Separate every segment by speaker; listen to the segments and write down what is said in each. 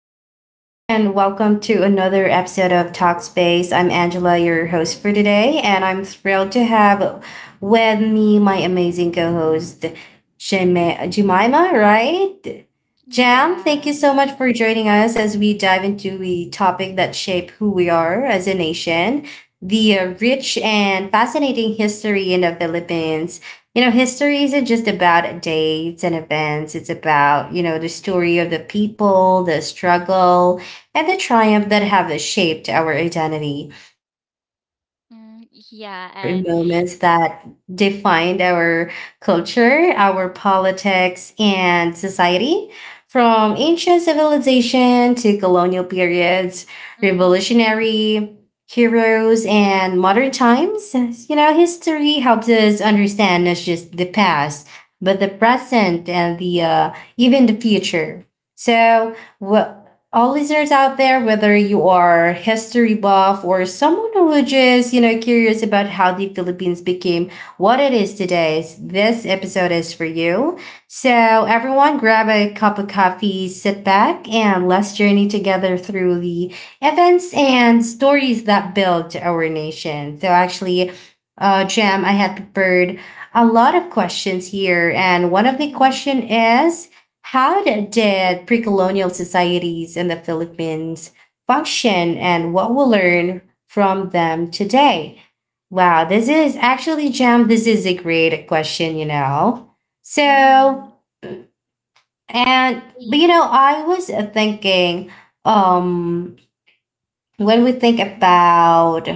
Speaker 1: everyone, and welcome to another episode of Talkspace. I'm Angela, your host for today, and I'm thrilled to have with me my amazing co host, Jemima, right? Jam, thank you
Speaker 2: Yeah.
Speaker 1: so much for joining us as we dive into the topic that shape who we are as a nation, the rich and fascinating history in the Philippines. You know, history isn't just about dates and events. It's about, you know, the story of the people, the struggle, and the triumph that have shaped our identity. Today, we will
Speaker 2: Mm, yeah,
Speaker 1: explore
Speaker 2: and
Speaker 1: moments that defined our culture, our politics, and society. From ancient civilization to colonial periods,
Speaker 2: mhm.
Speaker 1: revolutionary heroes and modern times. You know, history helps us understand not just the past, but the present and the even the future. So, wh- all listeners out there, whether you are history buff or someone who just, you know, curious about how the Philippines became what it is today, this episode is for you. So, everyone, grab a cup of coffee, sit back, and let's journey together through the events and stories that build our nation. So actually, Jam, I have prepared a lot of questions here, and one of the
Speaker 2: Mhm.
Speaker 1: question is, how did pre-colonial societies in the Philippines function, and what we'll learn from them today? Wow, this is actually Jam. This is a great question, you know. So,
Speaker 2: Mhm.
Speaker 1: and but, you
Speaker 2: Ye
Speaker 1: know, I was thinking um when we think
Speaker 2: mhm.
Speaker 1: about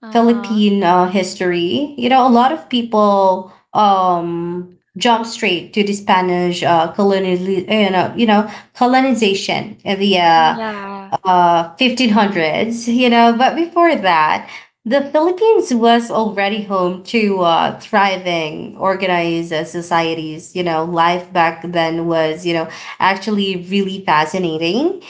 Speaker 2: Uh-huh.
Speaker 1: Filipino history, you know, a lot of people jump straight to the Spanish colonial, colonization via
Speaker 2: Yeah.
Speaker 1: 1500s. You know, but before that, the Philippines was already home to thriving, organized societies. You know, life back then was, you know, actually really fascinating,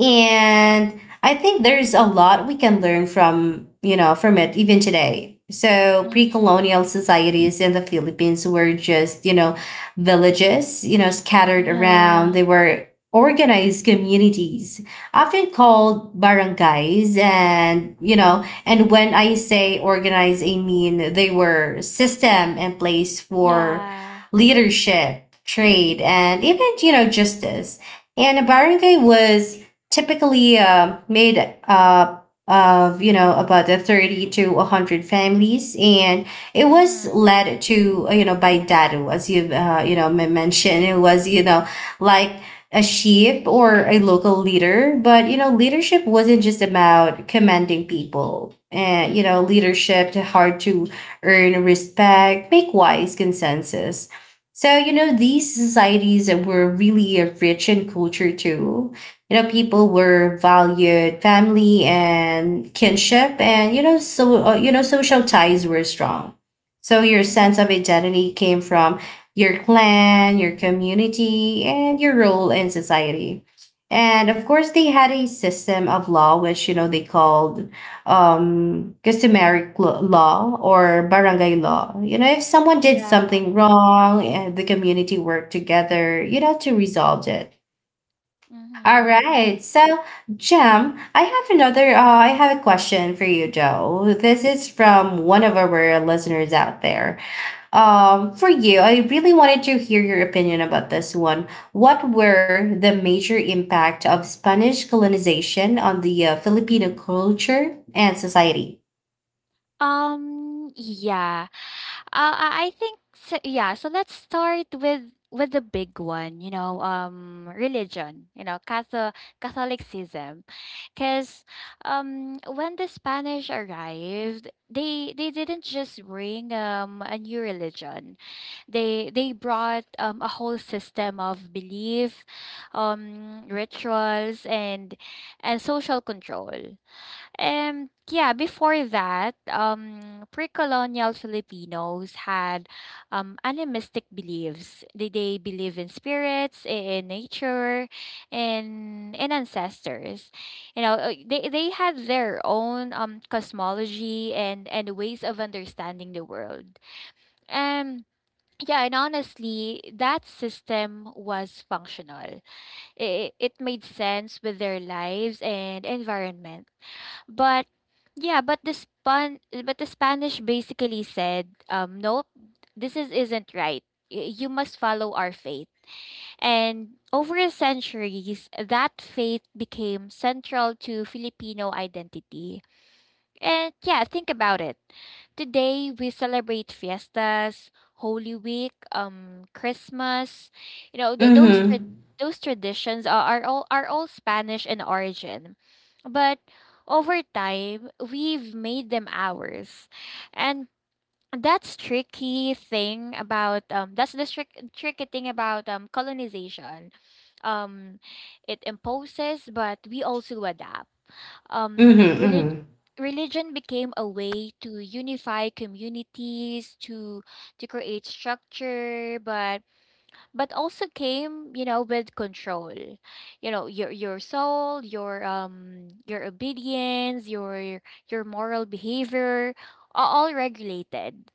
Speaker 1: and I think there's a lot we can learn from, you know, from it even today. So
Speaker 2: Mhm.
Speaker 1: pre-colonial societies in the Philippines were just, you know, villages, you know, scattered around. They
Speaker 2: Yeah.
Speaker 1: were organized communities, often called barangays. And, you know, and when I say organize, I mean they were system and place for
Speaker 2: Yeah.
Speaker 1: leadership, trade, and even, you know, justice. And a barangay was typically made up of, you know, about the 30 to 100 families, and it was
Speaker 2: Mhm.
Speaker 1: led to, you know, by dadu, as you've, you know, mentioned. It was, you know, like a chief or a local leader, but you know, leadership wasn't just about commanding people. And you know,
Speaker 2: Mhm.
Speaker 1: leadership hard to earn respect, make wise consensus. So you know, these societies were really rich in culture too. You know, people were valued family and kinship, and you know, so you know, social ties were strong. So your sense of
Speaker 2: Mhm.
Speaker 1: identity came from your clan, your community, and your role in society. And of course, they had a system of law, which you know they called customary law or barangay law. You know, if someone did
Speaker 2: Yeah.
Speaker 1: something wrong, and the community worked together, you know, to resolve it. All
Speaker 2: Mhm.
Speaker 1: right. So, Jem, I have another. I have a question for you, Joe. This is from one of our listeners out there. For you, I really wanted to hear your opinion about this one. What were the major impact of Spanish colonization on the Filipino culture and society?
Speaker 2: Yeah. I think so, yeah. So let's start with the big one, you know, religion, you know, Catholicism, because when the Spanish arrived, they didn't just bring a new religion. They brought a whole system of belief, rituals and social control. And yeah, before that, pre-colonial Filipinos had animistic beliefs. They believe in spirits, in nature, and in ancestors. You know, they had their own cosmology and ways of understanding the world. Um, yeah, and honestly, that system was functional. It made sense with their lives and environment, but yeah, but the Spanish basically said, nope, this is isn't right. You must follow our faith. And over the centuries, that faith became central to Filipino identity. And yeah, think about it. Today we celebrate fiestas, Holy Week, Christmas. You know,
Speaker 1: Mm-hmm.
Speaker 2: those traditions are all Spanish in origin, but over time we've made them ours, and that's the tricky thing about colonization. um it imposes, but we also adapt. um
Speaker 1: Mm-hmm.
Speaker 2: relig-
Speaker 1: Mm-hmm.
Speaker 2: Religion became a way to unify communities, to create structure, but also came, you know, with control. You know, your soul, your obedience, your moral behavior are all regulated.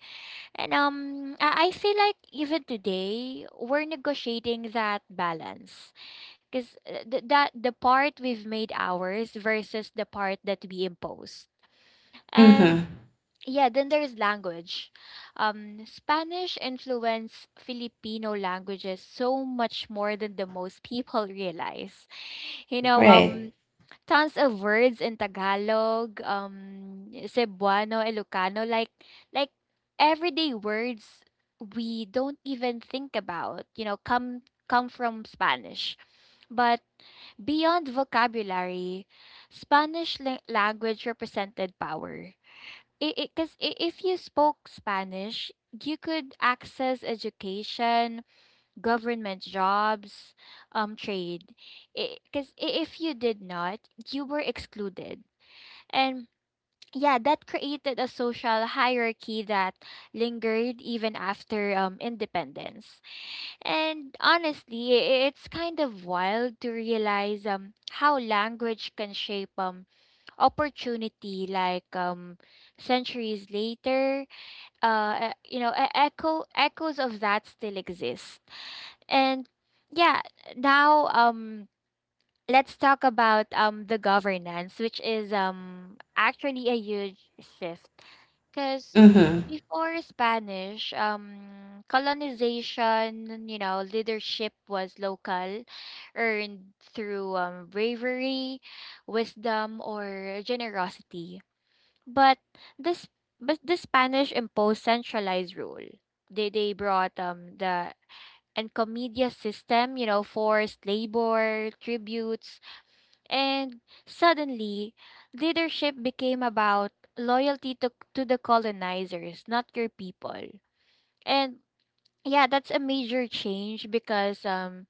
Speaker 2: And I feel like even today we're negotiating that balance, because th- that the part we've made ours versus the part that we imposed. um
Speaker 1: Mm-hmm.
Speaker 2: yeah, then there's language. Spanish influenced Filipino languages so much more than the most people realize, you know.
Speaker 1: Right.
Speaker 2: Tons of words in Tagalog, Cebuano, Ilocano, like everyday words we don't even think about, you know, come from Spanish. But beyond vocabulary, Spanish language represented power. Because if you spoke Spanish, you could access education, government jobs, trade. Because if you did not, you were excluded. And yeah, that created a social hierarchy that lingered even after independence. And honestly, it's kind of wild to realize how language can shape opportunity, centuries later. You know, echoes of that still exist. And yeah, now let's talk about the governance, which is actually a huge shift, because
Speaker 1: Mm-hmm.
Speaker 2: before Spanish colonization, you know, leadership was local, earned through bravery, wisdom, or generosity. But this, but the Spanish imposed centralized rule. They brought the Encomienda system, you know, forced labor, tributes, and suddenly, leadership became about loyalty to the colonizers, not your people. And yeah, that's a major change, because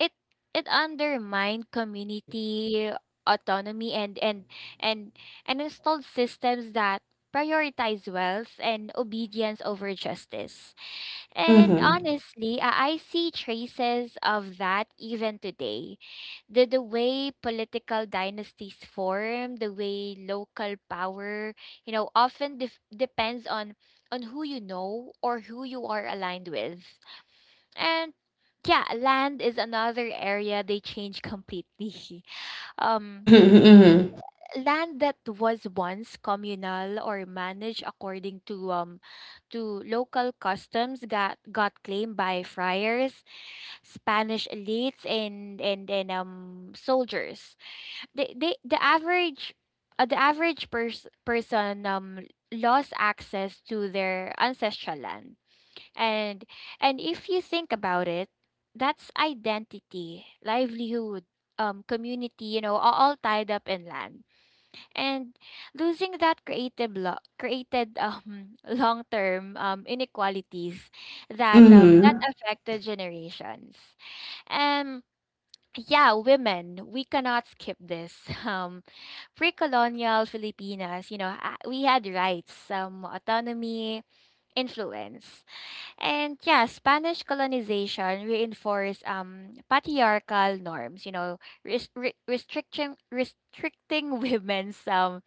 Speaker 2: it it undermined community autonomy, and and installed systems that prioritize wealth and obedience over justice. And
Speaker 1: Mm-hmm.
Speaker 2: honestly, I see traces of that even today. The way political dynasties form, the way local power, you know, often depends on who you know, or who you are aligned with. And yeah, land is another area they change completely. Um
Speaker 1: Mm-hmm.
Speaker 2: Land that was once communal or managed according to local customs got claimed by friars, Spanish elites, and soldiers. The they the average the average person lost access to their ancestral land. And and if you think about it, that's identity, livelihood, community, you know, all tied up in land, and losing that created long-term inequalities that
Speaker 1: Mm-hmm.
Speaker 2: affected generations. And yeah, women, we cannot skip this. Pre-colonial Filipinas, you know, we had rights, autonomy, influence. And yeah, Spanish colonization reinforced patriarchal norms, you know, restricting women's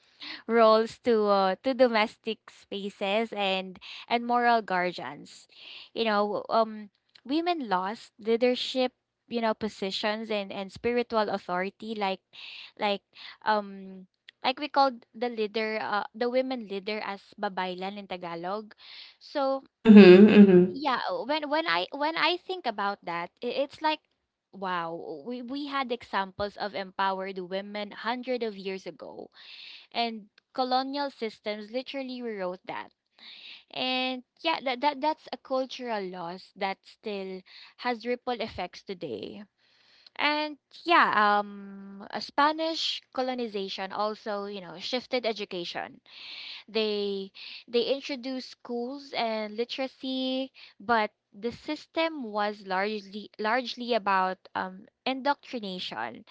Speaker 2: roles to domestic spaces and moral guardians. You know, women lost leadership, you know, positions and spiritual authoritylike um. Like we called the leader, the women leader, as babaylan in Tagalog. So
Speaker 1: Mm-hmm.
Speaker 2: yeah, when I think about that, it's like, wow, we had examples of empowered women 100 of years ago, and colonial systems literally rewrote that. And yeah, that's a cultural loss that still has ripple effects today. And yeah, a Spanish colonization also, you know, shifted education. They they introduced schools and literacy, but the system was largely about indoctrination.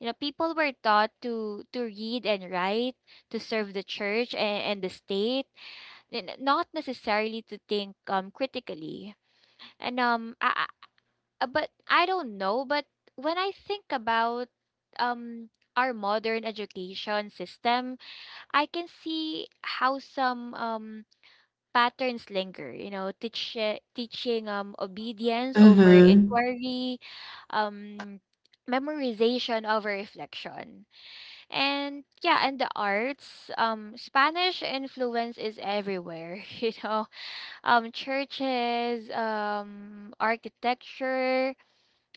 Speaker 2: You know, people were taught to read and write, to serve the church and the state, and not necessarily to think critically. And um, I, but I don't know. But when I think about um our modern education system, I can see how some patterns linger. You know, teaching obedience over
Speaker 1: Mm-hmm.
Speaker 2: inquiry, um memorization over reflection. And yeah, and the arts, Spanish influence is everywhere, you know, churches, architecture,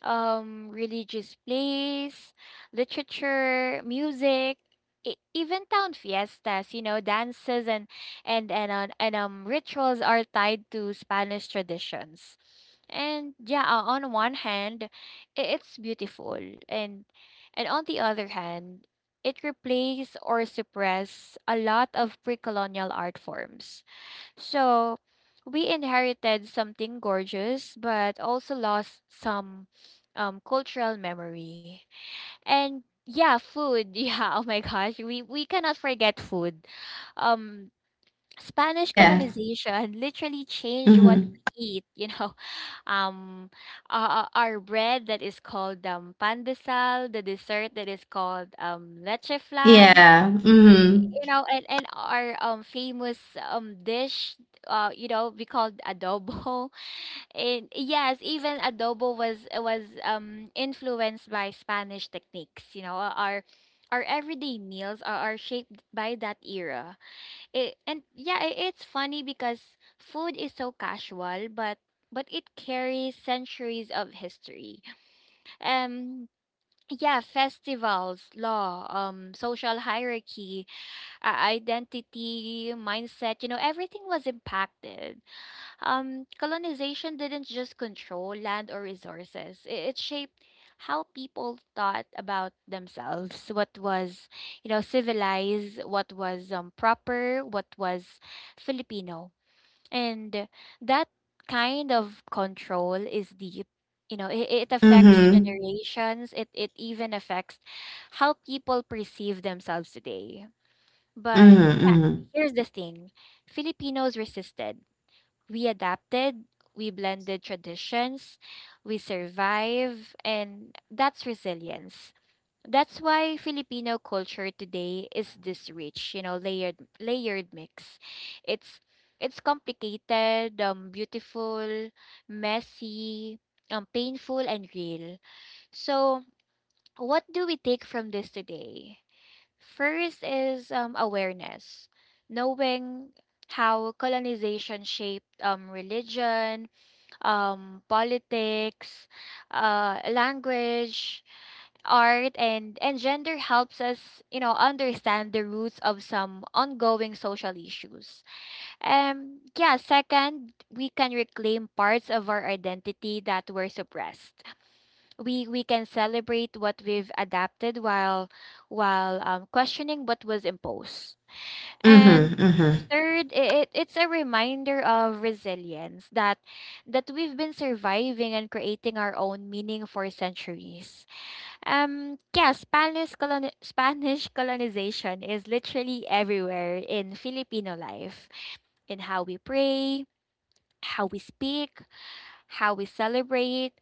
Speaker 2: religious plays, literature, music, even town fiestas. You know, dances and rituals are tied to Spanish traditions. And yeah, on one hand, it's beautiful, and and on the other hand, it replaced or suppressed a lot of pre-colonial art forms, so we inherited something gorgeous, but also lost some cultural memory. And yeah, food. Yeah, oh my gosh, we cannot forget food. Um, Spanish
Speaker 1: Yeah.
Speaker 2: colonization literally changed what
Speaker 1: Mm-hmm.
Speaker 2: we eat. You know, um, our bread that is called pan de sal, the dessert that is called leche flan,
Speaker 1: Yeah. Mm-hmm.
Speaker 2: you know, and our famous dish, you know, we called adobo. And yes, even adobo was influenced by Spanish techniques. You know, our everyday meals are shaped by that era. And yeah, it's funny, because food is so casual, but it carries centuries of history. Um, yeah, festivals, law, social hierarchy, identity, mindset, you know, everything was impacted. Colonization didn't just control land or resources, it shaped how people thought about themselves, what was, you know, civilized, what was proper, what was Filipino. And that kind of control is deep. You know, it affects
Speaker 1: Mm-hmm.
Speaker 2: generations. It even affects how people perceive themselves today. But yeah,
Speaker 1: Mm-hmm.
Speaker 2: here's the thing: Filipinos resisted. We adapted, we blended traditions, we survive, and that's resilience. That's why Filipino culture today is this rich, you know, layered mix. It's it's complicated, beautiful, messy, painful, and real. So, what do we take from this today? First is awareness. Knowing how colonization shaped religion, politics, language, art, and gender helps us, you know, understand the roots of some ongoing social issues. Yeah, second, we can reclaim parts of our identity that were suppressed. We can celebrate what we've adapted, while questioning what was imposed. And
Speaker 1: Mm-hmm. Mm-hmm.
Speaker 2: third, it's a reminder of resilience, that we've been surviving and creating our own meaning for centuries. Yeah, Spanish colonization is literally everywhere in Filipino life: in how we pray, how we speak, how we celebrate,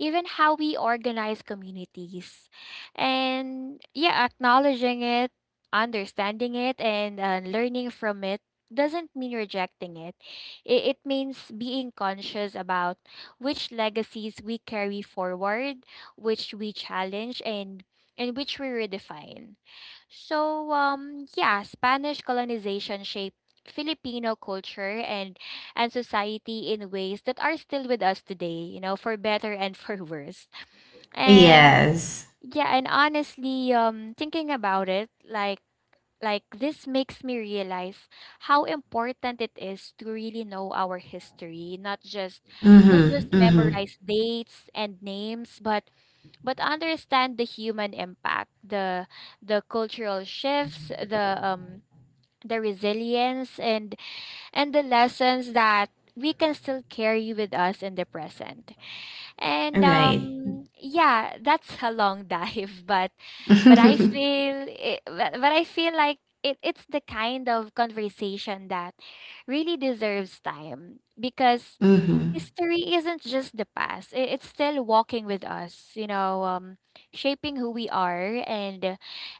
Speaker 2: even how we organize communities. And yeah, acknowledging it, understanding it, and learning from it doesn't mean rejecting it. It means being conscious about which legacies we carry forward, which we challenge, and which we redefine. So, yeah, Spanish colonization shaped Filipino culture and society in ways that are still with us today, you know, for better and for worse. And
Speaker 1: Yes.
Speaker 2: yeah, and honestly, thinking about it, like this makes me realize how important it is to really know our history. Not just
Speaker 1: Mm-hmm. Mm-hmm.
Speaker 2: memorize dates and names, but understand the human impact, the cultural shifts, the resilience, and the lessons that we can still carry with us in the present. And
Speaker 1: Right.
Speaker 2: yeah, that's a long dive, but I feel it. But I feel like it's the kind of conversation that really deserves time, because
Speaker 1: Hmm.
Speaker 2: history isn't just the past. It's still walking with us, you know, shaping who we are,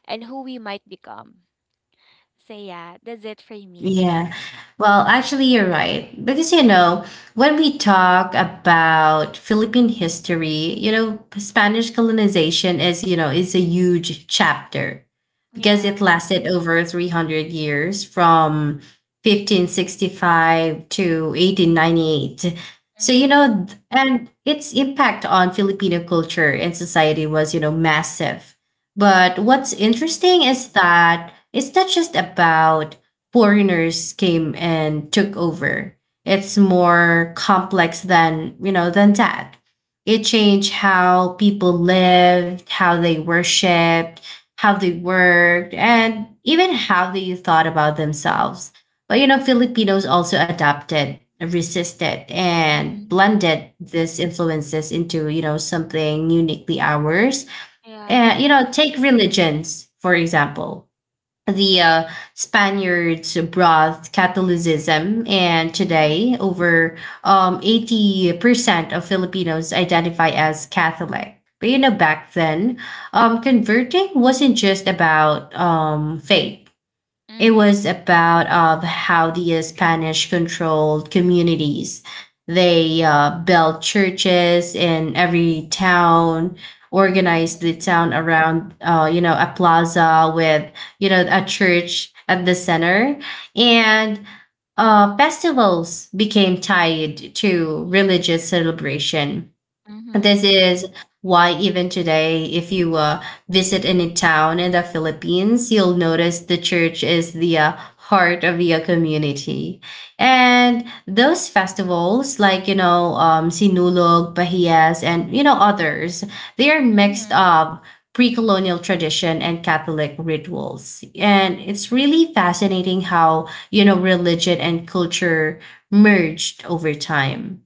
Speaker 2: and who we might become. So yeah, that's it for me.
Speaker 1: Yeah. Well, actually, you're right. Because, you know, when we talk about Philippine history, you know, Spanish colonization is, you know, is a huge chapter because it
Speaker 2: Yeah,
Speaker 1: lasted over 300 years, from 1565 to 1898. So, you
Speaker 2: mm-hmm.
Speaker 1: know, and its impact on Filipino culture and society was, you know, massive. But what's
Speaker 2: Mm-hmm.
Speaker 1: interesting is that it's not just about foreigners came and took over. It's more complex than, you know, than that. It changed how people lived, how they worshiped, how they worked, and even how they thought about themselves. But, you know, Filipinos also adapted, resisted, and
Speaker 2: Mm-hmm.
Speaker 1: blended these influences into, you know, something uniquely ours. And,
Speaker 2: Yeah,
Speaker 1: you know, take religions, for example, the Spaniards brought Catholicism, and today
Speaker 2: mm-hmm.
Speaker 1: over 80% of Filipinos identify as Catholic. But you know, back then, converting wasn't just about faith, it
Speaker 2: Mm-hmm.
Speaker 1: was about of how the Spanish controlled communities. They built churches in every town, organized the
Speaker 2: Mhm.
Speaker 1: town around, you know, a plaza with, you know, a church at the center. And festivals became tied to religious celebration. This
Speaker 2: Mhm.
Speaker 1: is why even today, if you visit any town in the Philippines, you'll notice the church is the heart of the community. And those festivals, like, you know, Sinulog, Bahias, and, you know, others, they are mixed
Speaker 2: Mhm.
Speaker 1: up pre-colonial tradition and Catholic rituals. And it's really fascinating how, you know, religion and culture merged over time.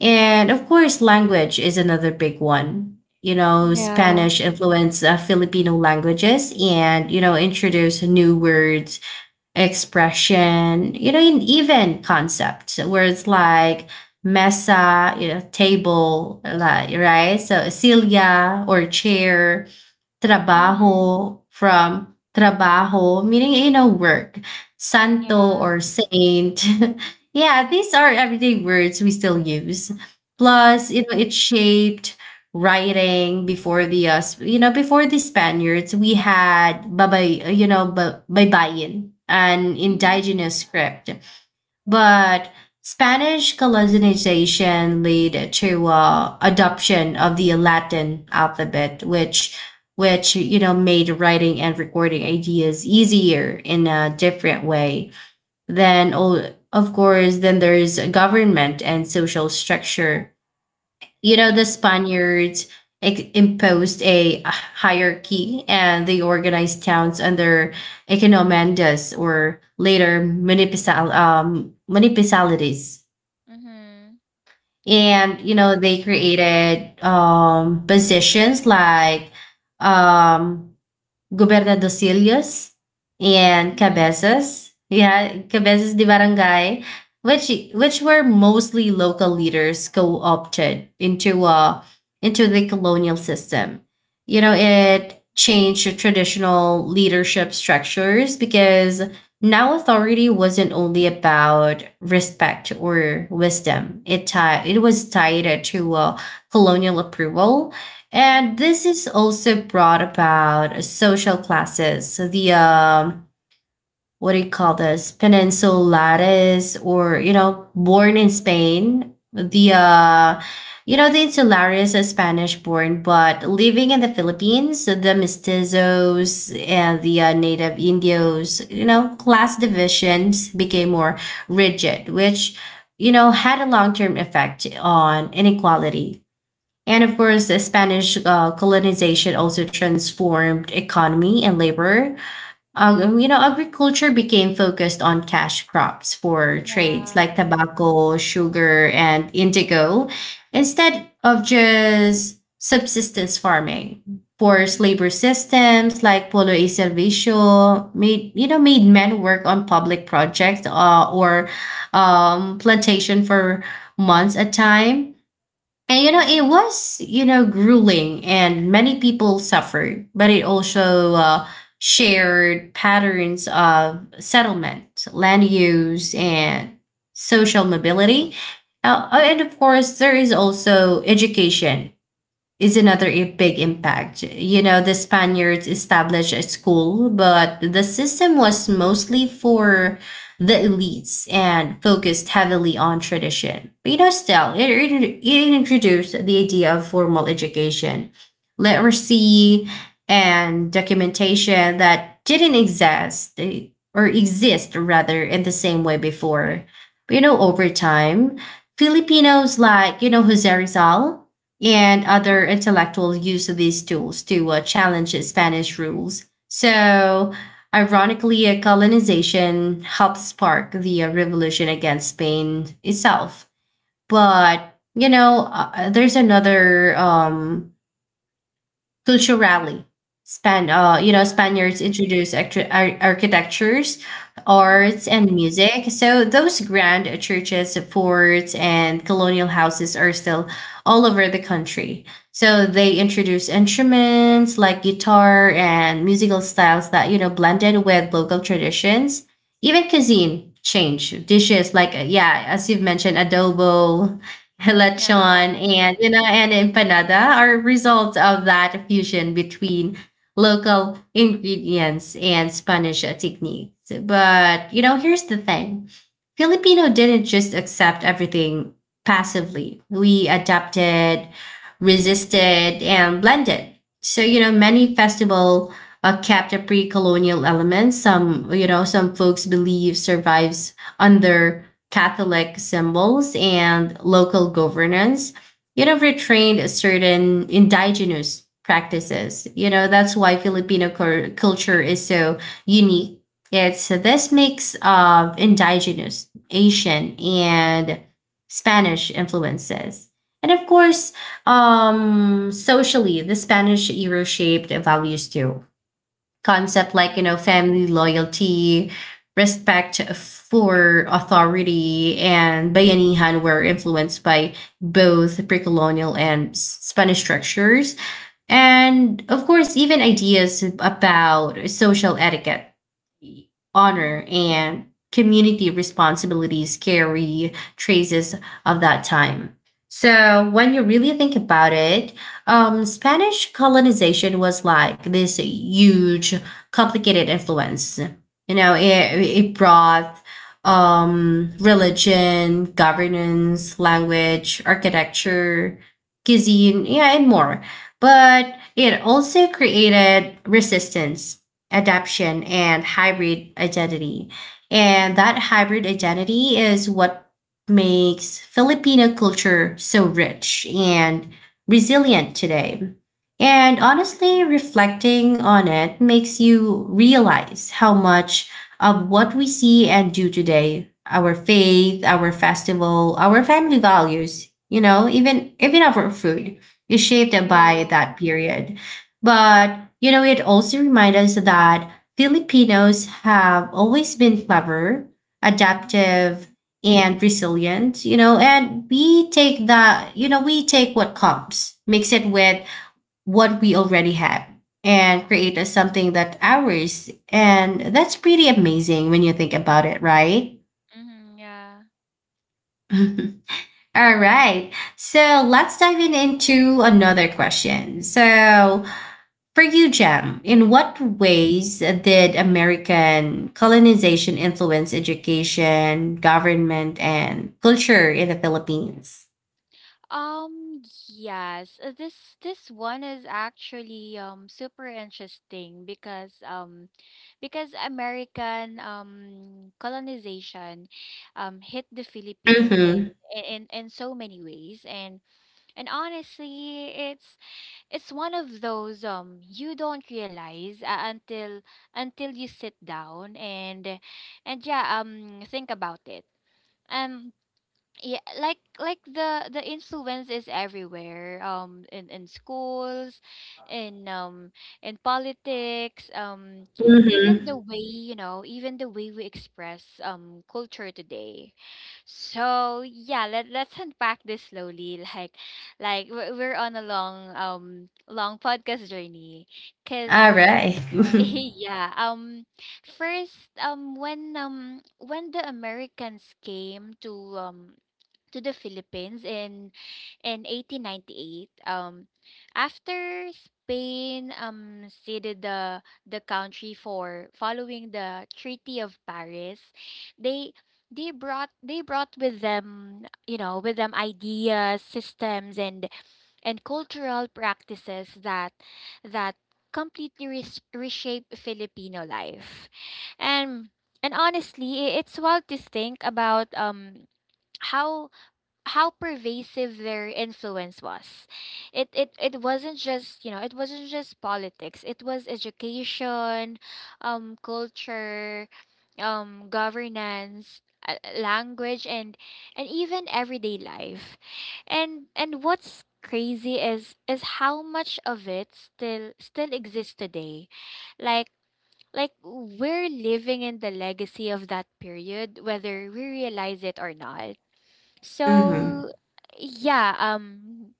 Speaker 1: And of
Speaker 2: Mhm.
Speaker 1: course, language is another big one. You know,
Speaker 2: Yeah.
Speaker 1: Spanish influenced Filipino languages and, you know, introduce new words, expression, you know, and even concepts where it's like mesa, you know, table, like, right? So, cilia or chair,
Speaker 2: Mhm.
Speaker 1: trabaho, meaning, you know, work. Santo
Speaker 2: Yeah.
Speaker 1: or saint. Yeah, these are everyday words we still use. Plus, you
Speaker 2: Mhm.
Speaker 1: know, it shaped writing. Before the you know, before the Spaniards, we had babay you know, baybayin, an
Speaker 2: Mhm.
Speaker 1: indigenous script. But Spanish colonization led to adoption of the Latin alphabet, which, you know, made writing and recording ideas easier in a different way. Then, of course, then there's government and social structure. You know, the Spaniards imposed a hierarchy, and they organized towns under economandas, or later municipal, municipalities.
Speaker 2: Mhm. Mhm. Yeah.
Speaker 1: And you know, they created positions like um, Gobernador Silos and Cabezas. Yeah, Cabezas de Barangay, which were mostly local leaders co-opted into the colonial system. You know, it changed the traditional leadership structures because now authority wasn't only about respect or wisdom. It was tied to colonial approval. And this is also brought about social classes. So the what do you call this? Peninsulares, or you know, born in Spain. The, you know, the insulares are Spanish born, but living in the Philippines, the mestizos and the native Indios. You know, class divisions became more rigid, which you know had a long-term effect on inequality. And of course, the Spanish colonization also transformed economy and labor. You know, agriculture became focused on cash crops for trades like tobacco, sugar, and indigo, instead of just subsistence farming. Forced
Speaker 2: Mhm.
Speaker 1: labor systems like polo y servicio made, you know, made men work on public projects, or plantation for months at a time. And you know, it
Speaker 2: Mhm.
Speaker 1: was, you know, grueling, and many people suffered, but it also shared patterns of settlement, land use, and social mobility. And of course, there is also education is another big impact. You know, the Spaniards established a school, but the system was mostly for the elites and focused heavily on tradition. But you know, still, it introduced the idea of formal education, literacy, and documentation that didn't exist eh, or exist rather in the same way before. But, you know, over time, Filipinos like, you know, Jose Rizal and other
Speaker 2: Mhm.
Speaker 1: intellectuals use these tools to challenge Spanish rules. So, ironically, colonization helped spark the revolution against Spain itself. But, you know, there's another,
Speaker 2: Mhm.
Speaker 1: culturally. You
Speaker 2: Yeah. Mhm. Mhm.
Speaker 1: know,
Speaker 2: Mhm. Mhm. Yeah.
Speaker 1: Spaniards introduced architectures,
Speaker 2: Mhm.
Speaker 1: arts, and music. So those grand churches, forts, and colonial houses are still all over the country. So they
Speaker 2: Mhm.
Speaker 1: introduced instruments like guitar and musical styles that you know blended with local traditions. Even cuisine changed. Dishes like yeah, as you've mentioned, adobo,
Speaker 2: Yeah.
Speaker 1: lechon, and you know, and empanada are results of that fusion between local ingredients and Spanish techniques. But you know, here's the thing: Filipino didn't just accept everything passively. We adapted, resisted, and blended. So you know, many festival kept a pre-colonial element. Some you know, some folks believe survives under Catholic symbols, and local governance, you know, retained certain indigenous practices. You know, that's why Filipino culture is so unique. It's this mix of indigenous, Asian, and Spanish influences. And of course, socially, the Spanish era shaped values too. Concept like you know
Speaker 2: Mhm.
Speaker 1: family loyalty, respect for authority, and bayanihan were influenced by both pre-colonial and Spanish structures. And of course, even ideas about social etiquette,
Speaker 2: Mhm.
Speaker 1: honor, and community responsibilities carry traces of that time. So when you really think about it, Spanish colonization was like this huge, complicated influence. You know, it,
Speaker 2: Mhm.
Speaker 1: it brought religion, governance, language, architecture, cuisine, yeah, and
Speaker 2: Mhm.
Speaker 1: more. But it also created resistance, adaption, and hybrid identity. And that hybrid identity is what makes Filipino culture so rich and resilient today. And honestly,
Speaker 2: Mhm.
Speaker 1: reflecting on it makes you realize how much of what we see and do today, our faith, our festival, our family values, even our food is shaped by
Speaker 2: Yeah.
Speaker 1: that period. But, you know, it also reminds us that Filipinos have always been clever, adaptive,
Speaker 2: Mhm.
Speaker 1: and resilient, you know, and we take the, you know, we take what comes, mix it with what we already have, and create a, something that ours. And that's pretty amazing when you think about it, right?
Speaker 2: Mhm. Yeah.
Speaker 1: All right. So let's dive in into another question. So for you, Jem, in what ways did American colonization influence education, government, and culture in the Philippines?
Speaker 2: Um, yes. This one is actually super interesting, because because American colonization hit the Philippines
Speaker 1: Mhm,
Speaker 2: in so many ways, and honestly, it's one of those, you don't realize until you sit down and think about it. Um yeah, like the influence is everywhere, in in schools in um in politics, even the
Speaker 1: mhm.
Speaker 2: way you know even the way we express culture today. So yeah, let's unpack this slowly like like we're on a long long podcast journey, because
Speaker 1: Alright. Mhm.
Speaker 2: yeah, first, when the americans came to the Philippines in 1898. After Spain ceded the country for following the Treaty of Paris, they they brought with them with them ideas, systems, and cultural practices that that completely reshape Filipino life, and and honestly, it's wild to think about how how pervasive their influence was. It wasn't just, you know, it wasn't just politics. It was education, culture, governance, language, and even everyday life. And what's crazy is how much of it still still exists today. Like like we're living in the legacy of that period whether we realize it or not.
Speaker 1: Mhm.
Speaker 2: So yeah,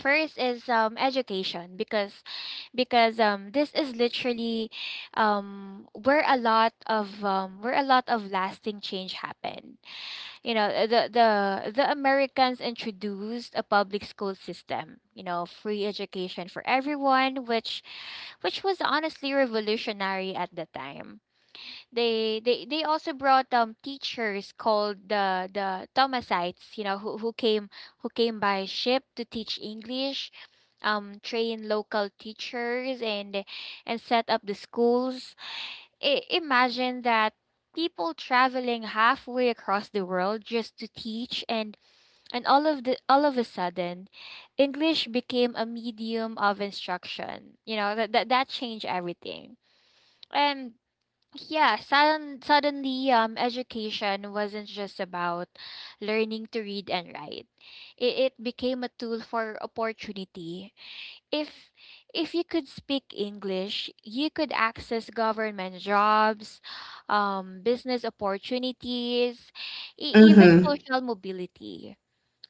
Speaker 2: first is education, because this is literally um where a lot of lasting change happened. You know, the the Americans introduced a public school system, you know, free education for everyone, which was honestly revolutionary at the time. They they also brought teachers called the Thomasites, you know, who came by ship to teach English, train local teachers, and set up the schools. Imagine that, people traveling halfway across the world just to teach, and all of the all of a sudden English became a medium of instruction. You know, that changed everything. And yeah, suddenly, education wasn't just about learning to read and write. It became a tool for opportunity. If if you could speak English, you could access government jobs, business opportunities, even
Speaker 1: Mhm.
Speaker 2: social mobility.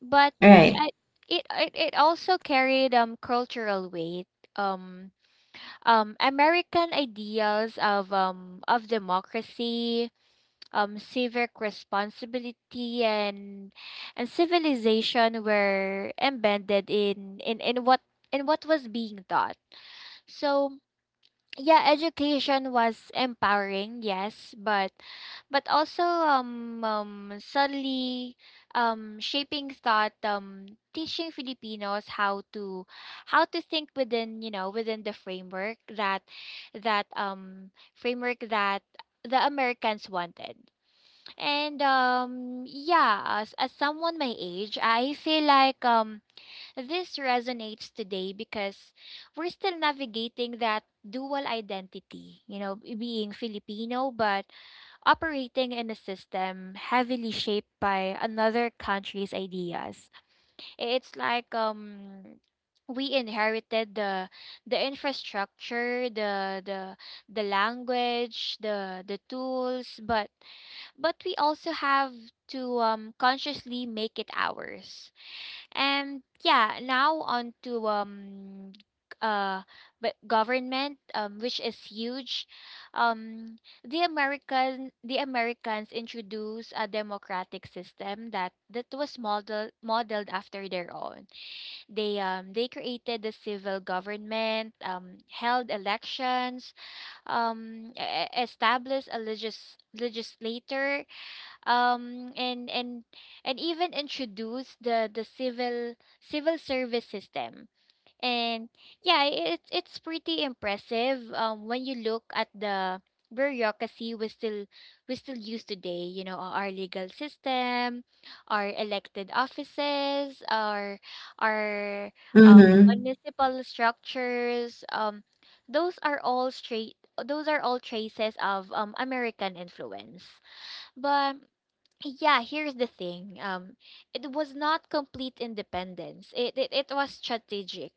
Speaker 2: But
Speaker 1: Right.
Speaker 2: yeah, it also carried cultural weight. Um, American ideals of democracy, civic responsibility, and civilization were embedded in in what in what was being taught. So yeah, education was empowering, yes, but also, suddenly shaping thought, teaching filipinos how to think within within the framework that that framework that the americans wanted. And yeah, as someone my age, I feel like this resonates today because we're still navigating that dual identity, you know, being Filipino but operating in a system heavily shaped by another country's ideas. It's like, we inherited the infrastructure, the the language, the tools, but we also have to consciously make it ours. And yeah, now on to uh but government, which is huge. Um the American the Americans introduced a democratic system that that was modeled modeled after their own. They created the civil government, held elections, established a legislator, um and and and even introduce the civil civil service system. And yeah, it's pretty impressive when you look at the bureaucracy we still use today. You know, our legal system, our elected offices, our
Speaker 1: Mhm.
Speaker 2: municipal structures, those are all straight those are all traces of american influence. But yeah, here's the thing. It was not complete independence. It it was strategic,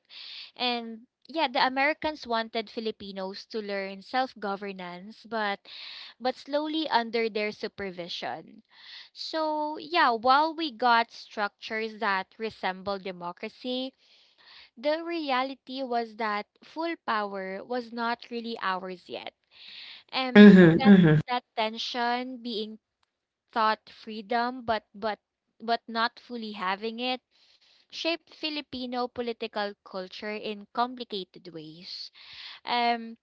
Speaker 2: and yeah, the Americans wanted Filipinos to learn self-governance, but slowly under their supervision. So yeah, while we got structures that resemble democracy, the reality was that full power was not really ours yet, and
Speaker 1: Mhm,
Speaker 2: that
Speaker 1: mhm.
Speaker 2: that tension, being thought freedom but but not fully having it, shaped Filipino political culture in complicated ways. Um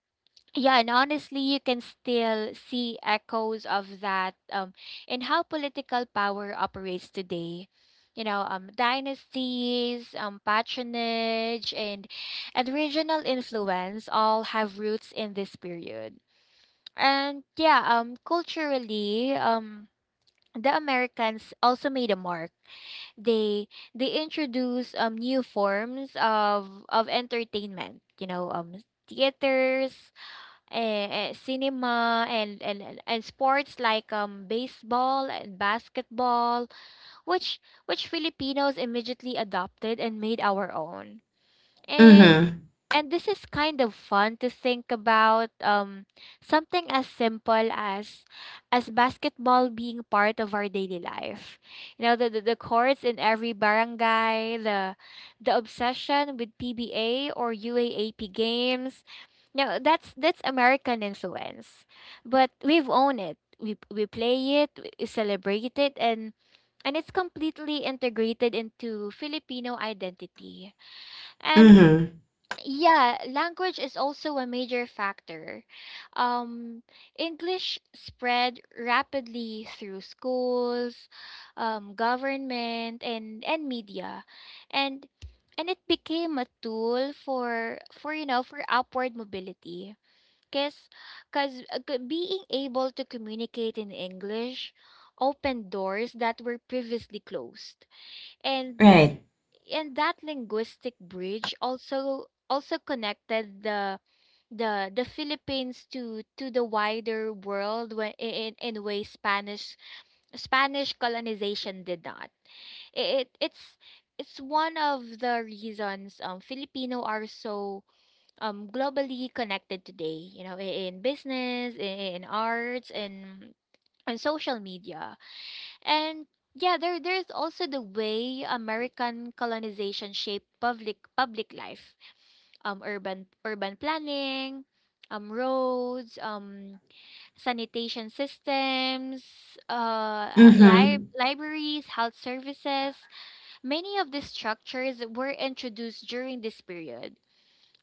Speaker 2: yeah, and honestly, you can still see echoes of that, in how political power operates today. You know, dynasties, patronage, and regional influence all have roots in this period. And yeah, culturally, the Americans also made a mark. They they introduced new forms of entertainment. You know, theaters, cinema, and, and sports like baseball and basketball, which which Filipinos immediately adopted and made our own. And
Speaker 1: Mhm.
Speaker 2: and this is kind of fun to think about. Something as simple as basketball being part of our daily life. You know, the courts in every barangay, the obsession with PBA or UAAP games. Now that's American influence. But we've owned it. We play it, we celebrate it, and it's completely integrated into Filipino identity. And
Speaker 1: Mhm.
Speaker 2: yeah, language is also a major factor. Um, English spread rapidly through schools, government, and media, and and it became a tool for for upward mobility. Cause, Being able to communicate in English opened doors that were previously closed,
Speaker 1: Right.
Speaker 2: and that linguistic bridge also also connected the the Philippines to the wider world when in ways Spanish Spanish colonization did not. It's it's one of the reasons Filipino are so globally connected today. You know, in business, in arts, and on social media. And yeah, there is also the way American colonization shaped public public life, urban urban planning, roads, sanitation systems,
Speaker 1: Mhm.
Speaker 2: libraries, health services. Many of these structures were introduced during this period.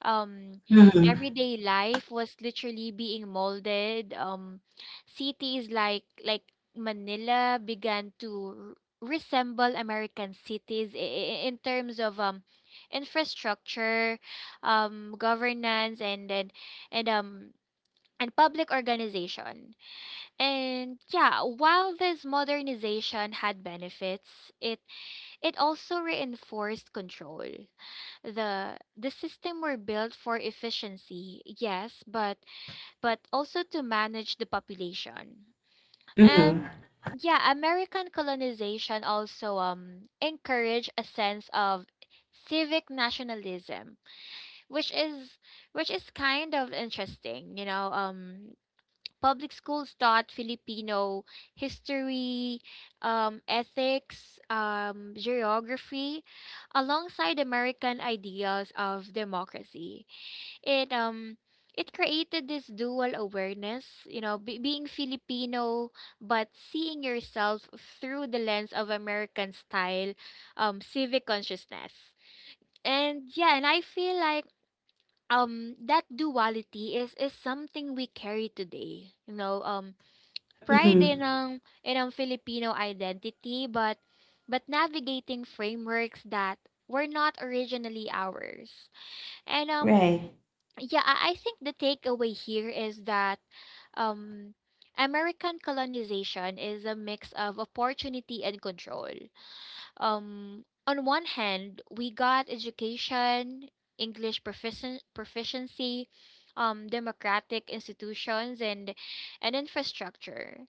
Speaker 2: um
Speaker 1: Mhm.
Speaker 2: Everyday life was literally being molded. Cities like manila began to resemble american cities in terms of infrastructure, governance, and um and public organization. And yeah, while this modernization had benefits, it also reinforced control. The system were built for efficiency, yes, but also to manage the population.
Speaker 1: Mhm.
Speaker 2: And yeah, american colonization also encouraged a sense of civic nationalism, which is which is kind of interesting. You know, public schools taught Filipino history, ethics, geography, alongside American ideas of democracy. It um it created this dual awareness, you know, being Filipino but seeing yourself through the lens of American style, civic consciousness. And yeah, and I feel like that duality is something we carry today. You know, pride
Speaker 1: Mhm.
Speaker 2: in ang Filipino identity, but navigating frameworks that were not originally ours. And
Speaker 1: Right.
Speaker 2: yeah, I think the takeaway here is that um American colonization is a mix of opportunity and control. On one hand, we got education, English proficiency, democratic institutions, and infrastructure.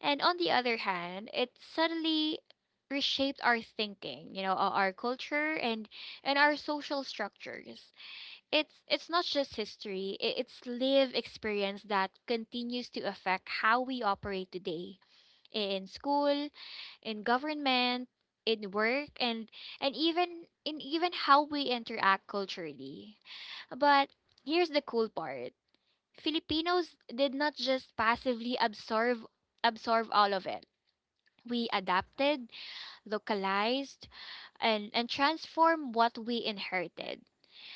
Speaker 2: And on the other hand, it suddenly reshaped our thinking, you know, our culture and our social structures. It's not just history, it's live experience that continues to affect how we operate today, in school, in government, in work, and even in even how we interact culturally. But here's the cool part. Filipinos did not just passively absorb absorb all of it. We adapted, localized, and transformed what we inherited.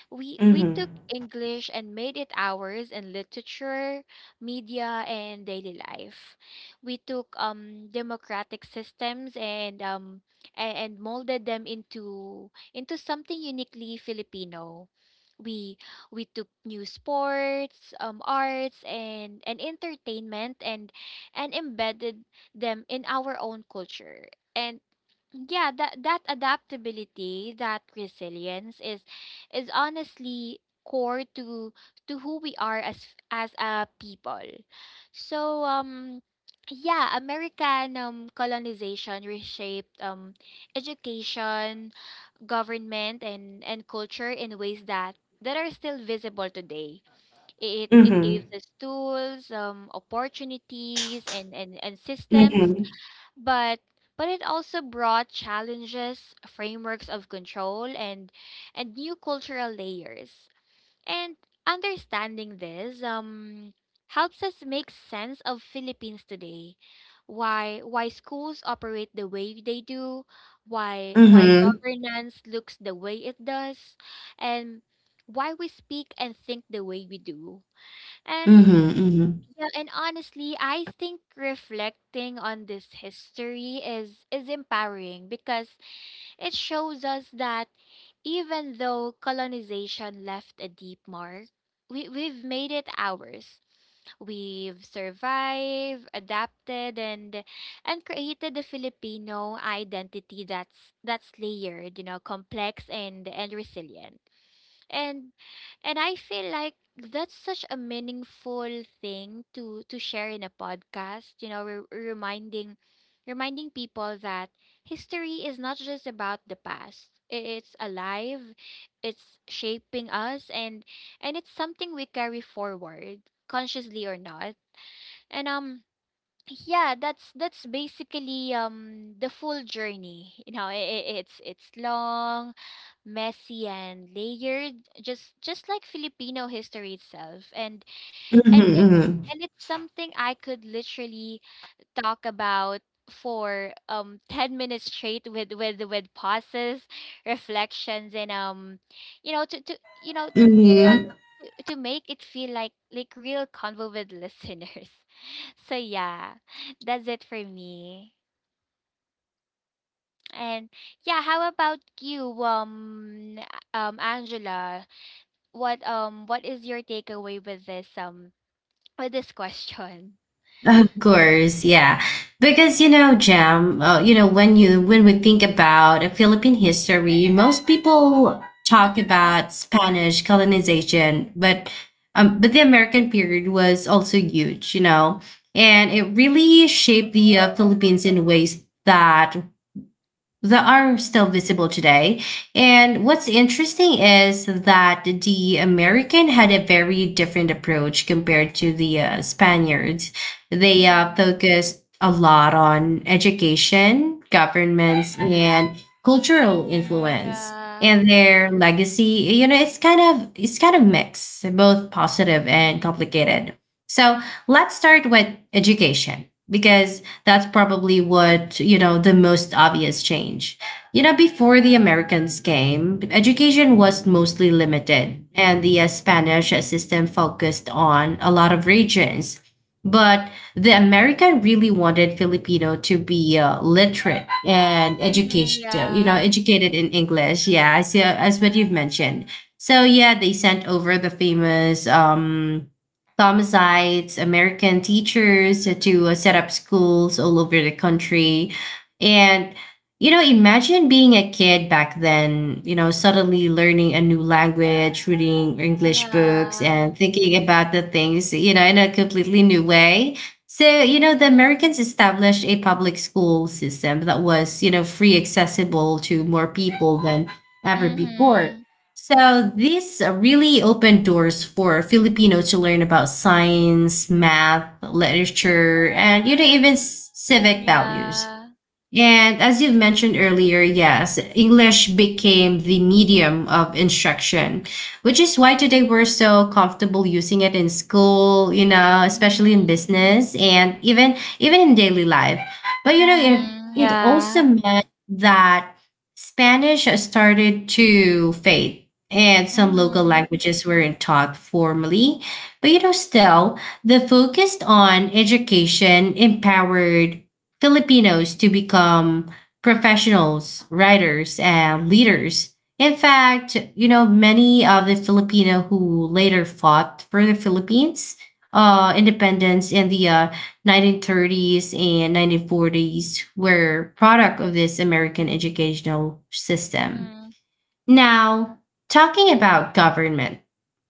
Speaker 2: We
Speaker 1: Mhm.
Speaker 2: took English and made it ours in literature, media, and daily life. We took democratic systems and and molded them into something uniquely Filipino. We we took new sports, arts, and entertainment, and embedded them in our own culture. And yeah, that adaptability, that resilience is honestly core to who we are as a people. So yeah, american colonization reshaped education, government, and culture in ways that that are still visible today. It gives
Speaker 1: Mhm.
Speaker 2: us tools, opportunities, and systems,
Speaker 1: Mhm.
Speaker 2: but but it also brought challenges, frameworks of control, and new cultural layers. And understanding this helps us make sense of Philippines today. Why schools operate the way they do,
Speaker 1: Mhm.
Speaker 2: why
Speaker 1: Mhm.
Speaker 2: governance looks the way it does, and why we speak and think the way we do. And yeah, and honestly, I think reflecting on this history is empowering because it shows us that even though colonization left a deep mark, we've made it ours. We've survived, adapted, and created the Filipino identity that's layered, you know, complex and resilient. and and I feel like that's such a meaningful thing to share in a podcast. You know, reminding people that history is not just about the past. It's alive, it's shaping us, and it's something we carry forward, consciously or not. And. Yeah, that's basically the full journey. You know, it's long, messy and layered just like filipino history itself
Speaker 1: Mhm.
Speaker 2: and it
Speaker 1: Mhm. Mhm.
Speaker 2: and it's something I could literally talk about for 10 minutes straight with pauses reflections and you know to to you know
Speaker 1: Mhm.
Speaker 2: to to to make it feel like real convo with listeners so yeah, that's it for me. And yeah, how about you Angela, what is your takeaway with this question?
Speaker 1: Of course, yeah. Because you know, Jam, you know, when you when we think about Philippine history, most people talk
Speaker 2: Mhm.
Speaker 1: about Spanish colonization, but the American period was also huge, you know, and it really shaped the Philippines in ways that that are
Speaker 2: Mhm.
Speaker 1: still visible today. And what's interesting is that the American had a very different approach compared to the Spaniards. They
Speaker 2: Mhm.
Speaker 1: focused a lot on education, governments, and cultural
Speaker 2: Mhm.
Speaker 1: influence.
Speaker 2: Yeah.
Speaker 1: And their legacy, you know, it's kind of mixed, both positive and
Speaker 2: Mhm.
Speaker 1: complicated. So let's start with education because that's probably what, you know, the most obvious change. You know, before the Americans came, education was mostly limited, and the Spanish system focused on a lot of regions. But the American really wanted Filipino to be literate and
Speaker 2: Mhm.
Speaker 1: education, you know,
Speaker 2: Yeah.
Speaker 1: educated in English. Yeah, as what you've mentioned. So yeah, they sent over the famous Thomasites, American teachers to set up schools all over the country. And, you know, imagine being a kid back then, you know, suddenly learning a new language, reading English books,
Speaker 2: Yeah.
Speaker 1: and thinking about the things, you know, in a completely new way. So, you know, the
Speaker 2: Mhm.
Speaker 1: Americans established a public school system that was, you know, free accessible to more people than ever before.
Speaker 2: Mhm.
Speaker 1: So this really opened doors for Filipinos to learn about science, math, literature, and you know even civic values.
Speaker 2: Yeah.
Speaker 1: And as you've mentioned earlier, yes, English became the medium of instruction, which is why today we're so comfortable using it in school, you know, especially in
Speaker 2: Mhm.
Speaker 1: business and even in daily life. But you know,
Speaker 2: Mhm.
Speaker 1: it
Speaker 2: Yeah.
Speaker 1: also meant that Spanish started to fade and some local
Speaker 2: Mhm.
Speaker 1: languages weren't taught formally. But you know, still the focus on education empowered Filipinos to become professionals, writers, and leaders. In fact, you know, many of the Filipino who later fought for the Philippines independence in the 1930s and 1940s were product of this American educational system.
Speaker 2: Mhm.
Speaker 1: Now, talking about government,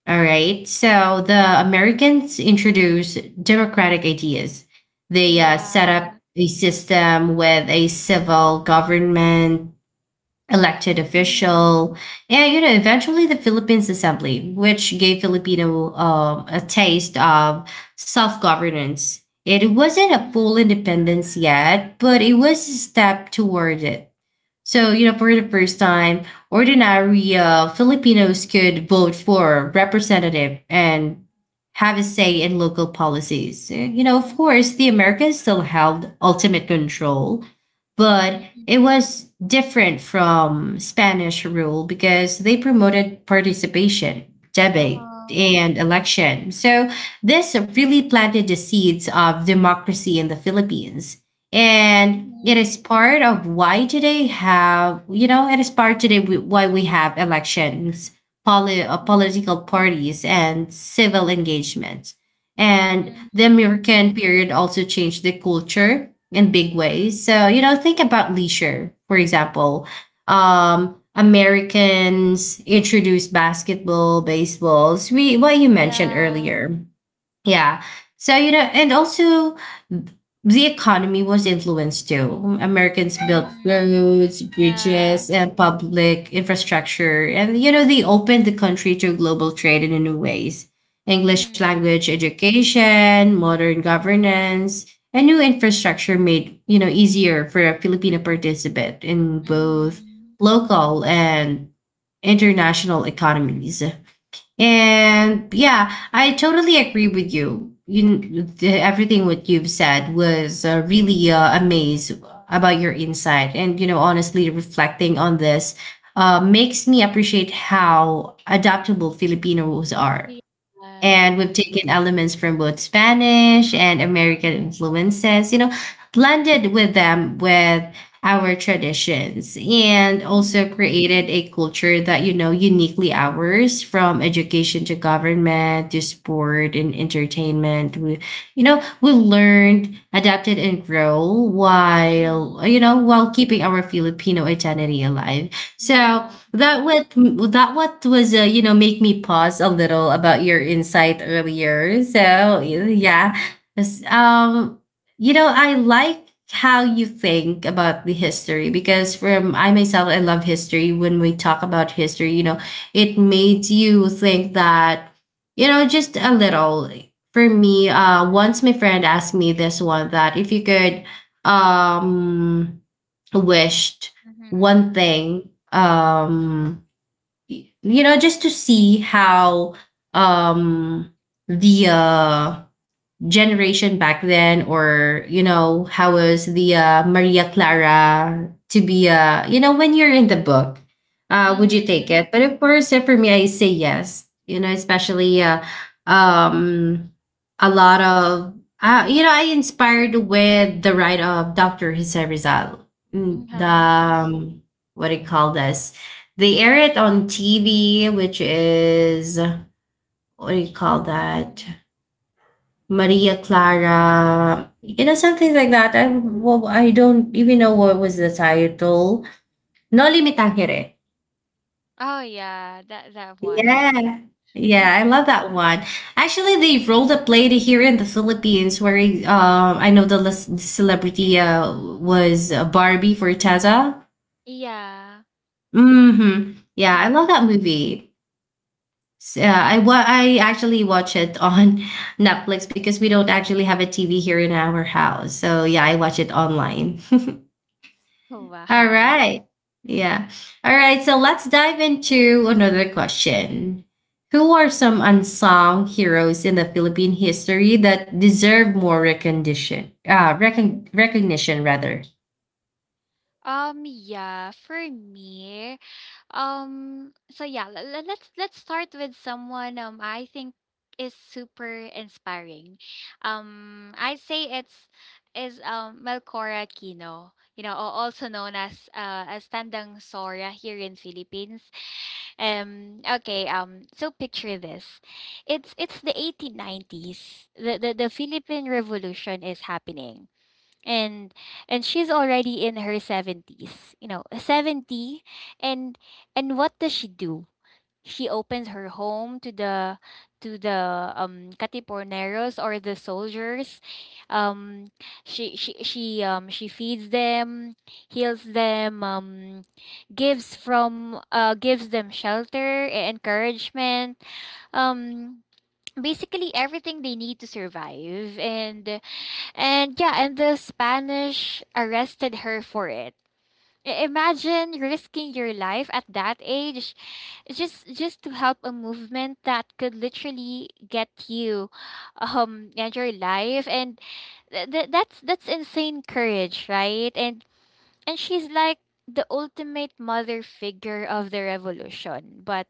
Speaker 1: all right. So the Americans introduced democratic ideas. They set
Speaker 2: Yeah.
Speaker 1: up a system with a civil government, elected
Speaker 2: Mhm.
Speaker 1: official, and you know eventually the Philippines Assembly, which gave Filipino a taste of self governance. It wasn't a full
Speaker 2: Mhm.
Speaker 1: independence yet, but it was a step toward it. So, you know, for the first time, ordinary Filipinos could vote for representative and have a say in local policies. You know, of
Speaker 2: Mhm.
Speaker 1: course, the Americans still held ultimate control, but
Speaker 2: Mhm.
Speaker 1: it was different from Spanish rule because they promoted participation, debate,
Speaker 2: Uh-huh.
Speaker 1: and election. So this really planted the seeds of democracy in the Philippines. And it
Speaker 2: Mhm.
Speaker 1: is part of why today have, you know, it is part today why we have elections,
Speaker 2: Mhm.
Speaker 1: political parties, and civil engagement. And
Speaker 2: Mhm.
Speaker 1: the American period also changed the culture in big ways. So, you know, think about leisure, for example. Americans introduced basketball, baseballs, we, what you mentioned
Speaker 2: Yeah.
Speaker 1: earlier. Yeah. So, you know, and also th- the economy was influenced too. Americans built
Speaker 2: Mhm.
Speaker 1: roads,
Speaker 2: Yeah.
Speaker 1: bridges, and public infrastructure. And, you know, they opened the country to global trade in new ways. English
Speaker 2: Mhm.
Speaker 1: language education, modern governance, and new infrastructure made, you know, easier for a Filipino participant in both
Speaker 2: Mhm.
Speaker 1: local and international economies. And yeah, I totally agree with you. Everything what you've said was really amazed about your insight, and you know, honestly, reflecting on this makes me appreciate how adaptable Filipinos are
Speaker 2: Yeah.
Speaker 1: and we've taken elements from both Spanish and American influences, you know, blended with them with our traditions and also
Speaker 2: Mhm.
Speaker 1: created a culture that you know uniquely ours from education to government to sport and entertainment we you know we learned adapted and grow while you
Speaker 2: Mhm.
Speaker 1: know while keeping our Filipino identity alive so
Speaker 2: Yeah.
Speaker 1: that what that what was you know make me pause a little about your insight earlier.
Speaker 2: Mhm.
Speaker 1: So yeah, S- um, you know I like how you think about the history because from I myself I love history. When we talk about history, you know, it made you think that you know just a little. For me, once my friend asked me this one that if you could, um wished one
Speaker 2: Mhm.
Speaker 1: thing you know just to see how um the generation back then or you know how was the Maria Clara to be you know when you're in the book would you take
Speaker 2: Mhm.
Speaker 1: it but of course for me I say yes you know especially um a lot of you know I inspired with the write of Dr. Jose Rizal. Mm, the
Speaker 2: Uh-huh.
Speaker 1: what do you call this, they air it on TV, which is, what do you call that,
Speaker 2: Mhm.
Speaker 1: Maria Clara, you know, something like that. I well, I don't even know what was the title. Noli Me Tangere.
Speaker 2: Oh yeah, that that one.
Speaker 1: Yeah.
Speaker 2: Mhm.
Speaker 1: Yeah, I love that one. Actually, they rolled a play here in the Philippines where I know the the celebrity was Barbie Forteza.
Speaker 2: Yeah.
Speaker 1: Mm-hmm. Yeah, I
Speaker 2: Mhm.
Speaker 1: love that movie. I actually watch it on Netflix because we don't actually have a TV here in our house. So yeah, I watch it online. All
Speaker 2: Wow.
Speaker 1: right. Yeah. All right. So let's dive into another question. Who are some unsung heroes in the Philippine history that deserve more recognition, rather.
Speaker 2: Yeah, for me. Let's start with someone I think is super inspiring. I'd say it's is Melcora Aquino, you know, also known as Tandang Sora here in Philippines. Okay, so picture this. It's the 1890s. The Philippine Revolution is happening, and she's already in her 70s, you know, 70. And what does she do? She opens her home to the katiporneros or the soldiers. um she feeds them, heals them, gives them shelter, encouragement, um basically everything they need to survive. And the Spanish arrested her for it. Imagine risking your life at that age just to help a movement that could literally get you and your life. And that's insane courage, right? And she's like the ultimate mother figure of the revolution, but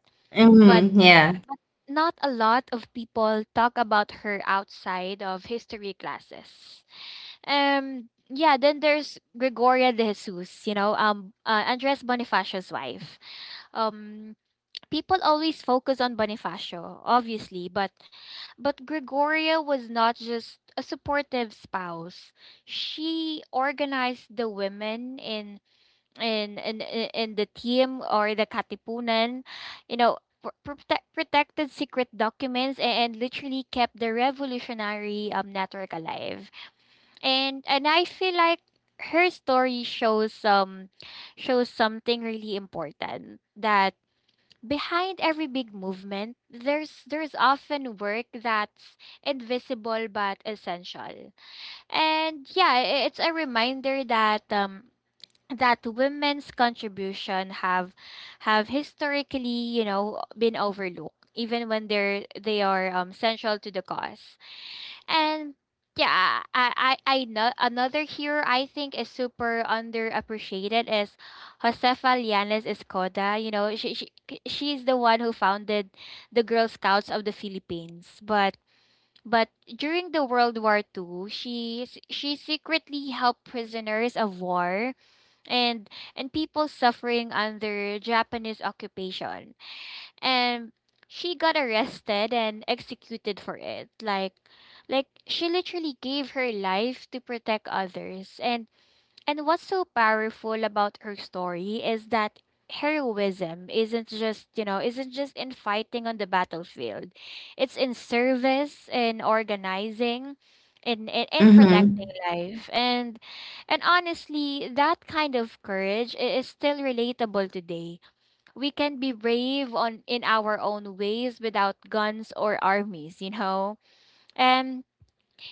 Speaker 2: but
Speaker 1: Mm-hmm. Yeah.
Speaker 2: not a lot of people talk about her outside of history classes. Yeah, then there's Gregoria de Jesus, you know, Andres Bonifacio's wife. Um, People always focus on Bonifacio, obviously, but Gregoria was not just a supportive spouse. She organized the women in the team or the Katipunan, you know, protected secret documents, and literally kept the revolutionary network alive. And I feel like her story shows something really important, that behind every big movement there's often work that's invisible but essential. And yeah, it's a reminder that women's contribution have historically, you know, been overlooked even when they are central to the cause. And yeah, I know another hero I think is super underappreciated is Josefa Lianes Escoda. You know, she's the one who founded the Girl Scouts of the Philippines. But during the World War Two, she secretly helped prisoners of war and people suffering under Japanese occupation, and she got arrested and executed for it, like she literally gave her life to protect others. And what's so powerful about her story is that heroism isn't just you know isn't just in fighting on the battlefield. It's in service, in organizing, in protecting
Speaker 1: Mm-hmm.
Speaker 2: life. And honestly, that kind of courage, is still relatable today. We can be brave on in our own ways without guns or armies, you know? And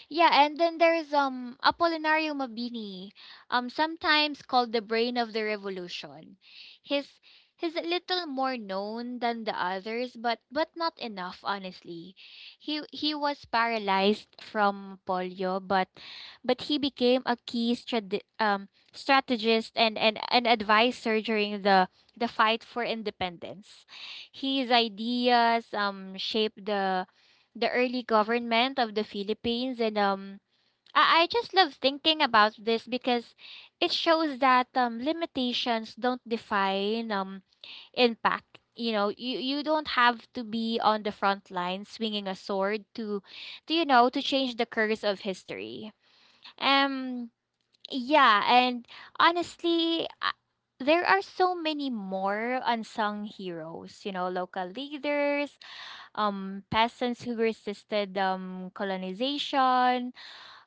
Speaker 2: yeah, and then there's Apolinario Mabini, sometimes called the brain of the revolution. His He's a little more known than the others, but not enough, honestly. He was paralyzed from polio, but he became a key strategist and an advisor during the fight for independence. His ideas shaped the early government of the Philippines. And I just love thinking about this because it shows that limitations don't define impact. You know, you don't have to be on the front line swinging a sword to, to change the curse of history. Um, yeah, and honestly, there are so many more unsung heroes. You know, local leaders, peasants who resisted colonization,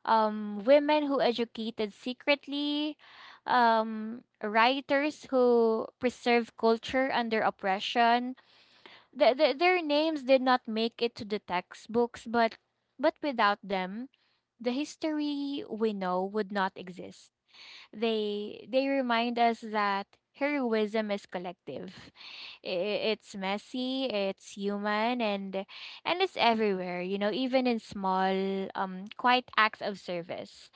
Speaker 2: women who educated secretly, writers who preserved culture under oppression. Their names did not make it to the textbooks, but without them, the history we know would not exist. They remind us that heroism is collective. It's messy, it's human, and it's everywhere. You know, even in small, quiet acts of service.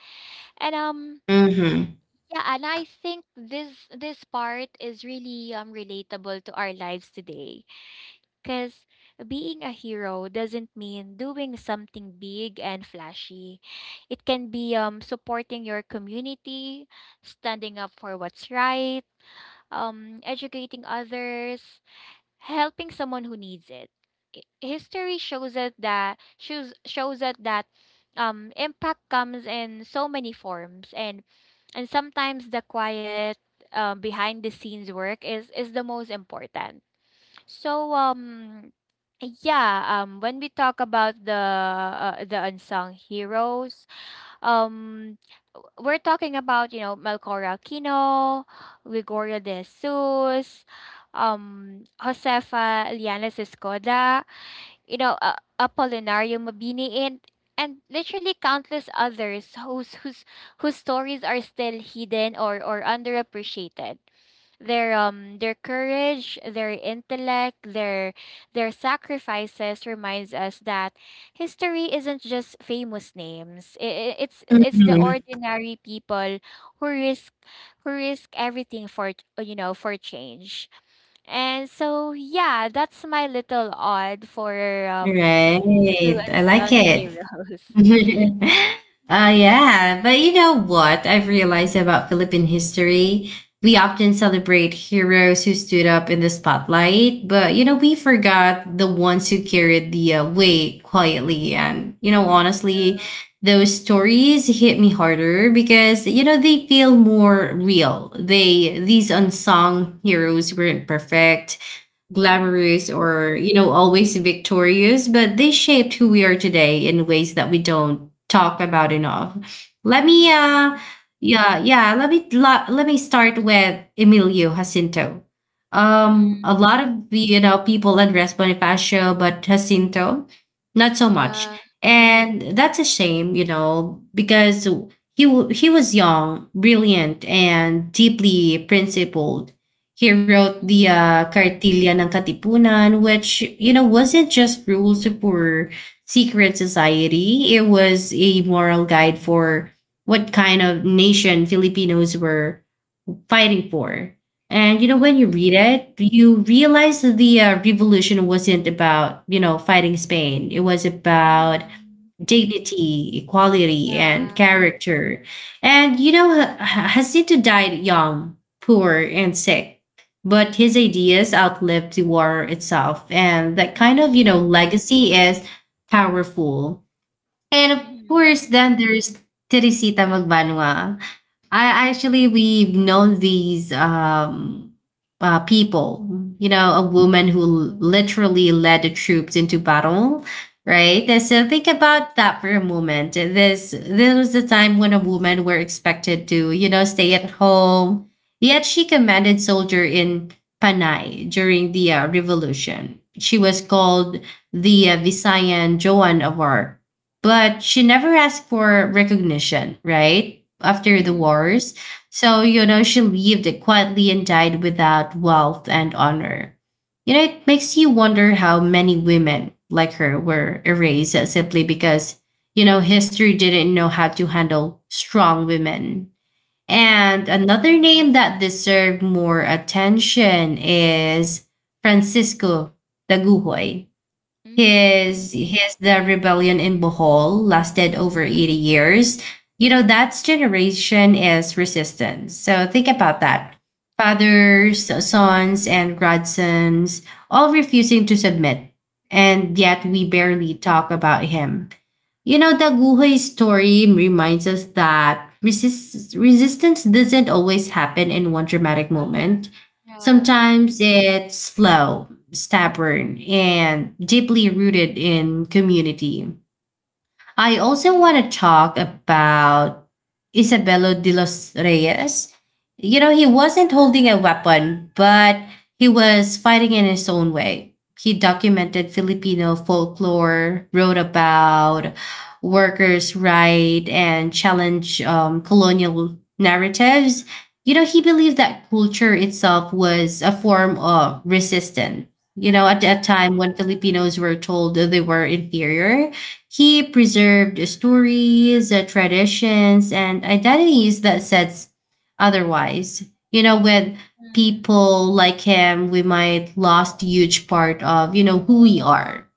Speaker 2: And
Speaker 1: Mm-hmm.
Speaker 2: yeah, and I think this part is really relatable to our lives today. Because being a hero doesn't mean doing something big and flashy. It can be, supporting your community, standing up for what's right, educating others, helping someone who needs it. History shows us that shows us that impact comes in so many forms, and sometimes the quiet, behind the scenes work is the most important. So yeah, when we talk about the unsung heroes, um we're talking about, you know, Melchora Aquino, Gregorio de Jesus, Josefa Lianes Escoda, you know, Apolinario Mabini, and literally countless others whose stories are still hidden or underappreciated. Their their courage, their intellect, their sacrifices reminds us that history isn't just famous names. It's it's the
Speaker 1: Mm-hmm.
Speaker 2: ordinary people who risk, everything for, for change. And so yeah, that's my little odd for um two
Speaker 1: Right. I like
Speaker 2: unsung
Speaker 1: it.
Speaker 2: heroes.
Speaker 1: uh, yeah, but you know what? I've realized about Philippine history. We often celebrate heroes who stood up in the spotlight, but you know, we forgot the ones who carried the weight quietly. And you know,
Speaker 2: Mhm.
Speaker 1: honestly, those stories hit me harder because you know, they feel more real. They, these unsung heroes weren't perfect
Speaker 2: Mhm.
Speaker 1: glamorous or you know always victorious but they shaped who we are today in ways that we don't talk about enough. Let me
Speaker 2: Mhm.
Speaker 1: yeah yeah let me la- Let me start with Emilio Jacinto.
Speaker 2: Mhm.
Speaker 1: A lot of you know people address Bonifacio but Jacinto not so much.
Speaker 2: Yeah.
Speaker 1: And that's a shame you know because he was young brilliant and deeply principled. He wrote the
Speaker 2: Mhm.
Speaker 1: Cartilla ng Katipunan, which, you know, wasn't just rules for secret society. It was a moral guide for what kind of nation Filipinos were fighting for. And, you know, when you
Speaker 2: Mhm.
Speaker 1: read it, you realize that the revolution wasn't about, you know, fighting Spain. It was about
Speaker 2: Mhm.
Speaker 1: dignity, equality, and
Speaker 2: Yeah.
Speaker 1: character. And you know, Jacinto died young, poor, and sick, but his ideas outlived the war itself. And that kind of, you
Speaker 2: Mhm.
Speaker 1: know, legacy is powerful. And of
Speaker 2: Mhm.
Speaker 1: course, then there's Teresita Magbanua. I actually
Speaker 2: Mhm.
Speaker 1: we've known these people. You know, a woman who literally led the troops into battle, right? And
Speaker 2: Mhm.
Speaker 1: so think about that for a moment. This was the time when a woman were expected to, you know, stay at home. Yet she
Speaker 2: Mhm.
Speaker 1: commanded soldier in Panay during the revolution. She was called the Visayan Joan of Arc, but she never asked for recognition, right? After the
Speaker 2: Mhm.
Speaker 1: wars. So, you know, she lived quietly and died without wealth and honor. You know, it makes you wonder how many women like her were erased simply because, you know, history didn't know how to handle strong women. And
Speaker 2: Mhm.
Speaker 1: another name that deserved more attention is Francisco Daguhoy.
Speaker 2: Mhm.
Speaker 1: His The rebellion in Bohol lasted over 80 years. You know, that's generation is resistance. So think about that. Fathers, sons, and godsons all refusing to submit. And yet
Speaker 2: Mhm.
Speaker 1: we
Speaker 2: Mhm.
Speaker 1: barely talk about him. You know, the Guhoy story reminds us that resistance doesn't always happen in one dramatic moment.
Speaker 2: Yeah.
Speaker 1: Sometimes it's slow, stubborn, and deeply rooted in community. I also want to
Speaker 2: Mhm.
Speaker 1: talk about Isabelo de los Reyes. You know, he wasn't holding a weapon, but he was fighting in his own way. He documented Filipino folklore, wrote about workers' right, and challenged colonial narratives. You know, he believed that culture itself was a form of resistance. You know, at a
Speaker 2: Mhm.
Speaker 1: time when Filipinos were told that they were inferior, he preserved stories, traditions, and identities that sets otherwise. You know, with
Speaker 2: Mhm.
Speaker 1: people like him, we might lost huge part of you know who we are,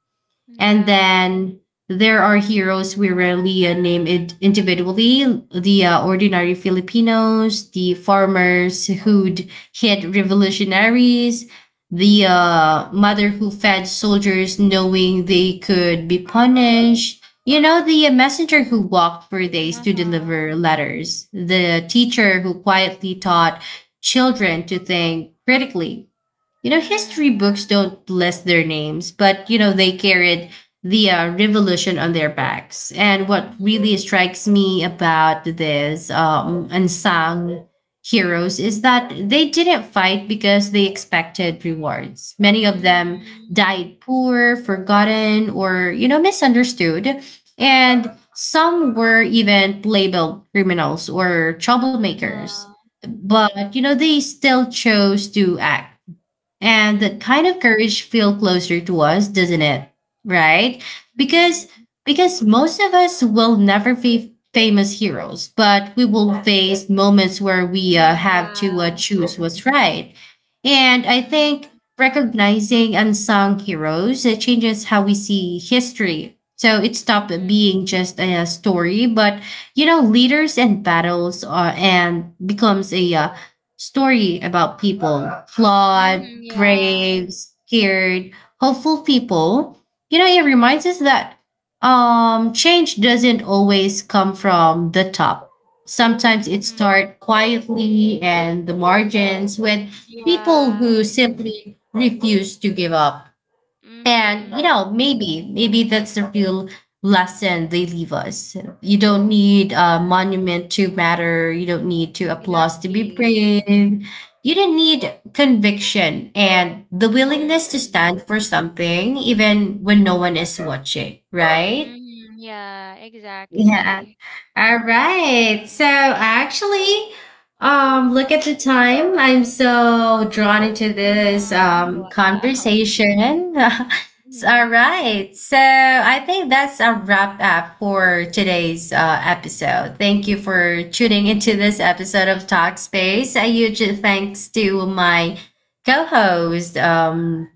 Speaker 1: and
Speaker 2: Yeah.
Speaker 1: then there are heroes we rarely name it individually, the ordinary Filipinos, the farmers who'd hit revolutionaries, the
Speaker 2: Mhm.
Speaker 1: mother who fed soldiers knowing they could be punished. You know, the messenger who walked for days to
Speaker 2: Uh-huh.
Speaker 1: deliver letters, the teacher who quietly taught children to think critically, you know, history
Speaker 2: Mhm.
Speaker 1: books don't list their names, but you know, they carried the revolution on their backs. And what
Speaker 2: Mhm.
Speaker 1: really strikes me about these unsung heroes is that they didn't fight because they expected rewards. Many of them
Speaker 2: Mhm.
Speaker 1: died poor, forgotten, or, you know, misunderstood. And some were even labeled criminals or troublemakers.
Speaker 2: Uh-huh.
Speaker 1: But, you know, they still chose to act, and that
Speaker 2: Mhm.
Speaker 1: kind of courage feel closer to us, doesn't it? Right? Because
Speaker 2: Mhm.
Speaker 1: because most of us will never be famous heroes, but we will face moments where we
Speaker 2: Mhm.
Speaker 1: have to
Speaker 2: Yeah.
Speaker 1: choose what's right. And I think
Speaker 2: Mhm.
Speaker 1: recognizing unsung heroes it changes how we see history. So it stopped
Speaker 2: Mhm.
Speaker 1: being just a, story, but you know, leaders and battles are, and becomes a story about people, flaws,
Speaker 2: Mhm. Yeah.
Speaker 1: brave, scared, hopeful people. You know, it reminds us that change doesn't always come from the top. Sometimes it
Speaker 2: Mhm.
Speaker 1: starts quietly and the margins with people
Speaker 2: Yeah.
Speaker 1: who simply refuse to give up. And you
Speaker 2: Mhm.
Speaker 1: know, maybe that's the real lesson they leave us. You don't
Speaker 2: Yeah.
Speaker 1: need a monument to matter. You don't need to applause to be
Speaker 2: Exactly.
Speaker 1: brave. You don't need conviction and the willingness to
Speaker 2: Mhm.
Speaker 1: stand for something even when no one is watching, right?
Speaker 2: Mhm, yeah,
Speaker 1: Yeah.
Speaker 2: exactly.
Speaker 1: All right. So actually, look at the time. I'm so drawn into this
Speaker 2: Mhm, wow.
Speaker 1: conversation. All
Speaker 2: Mhm,
Speaker 1: right. So I think that's a wrap up for today's episode. Thank you for tuning into this episode of Talkspace. A huge thanks to my co-host,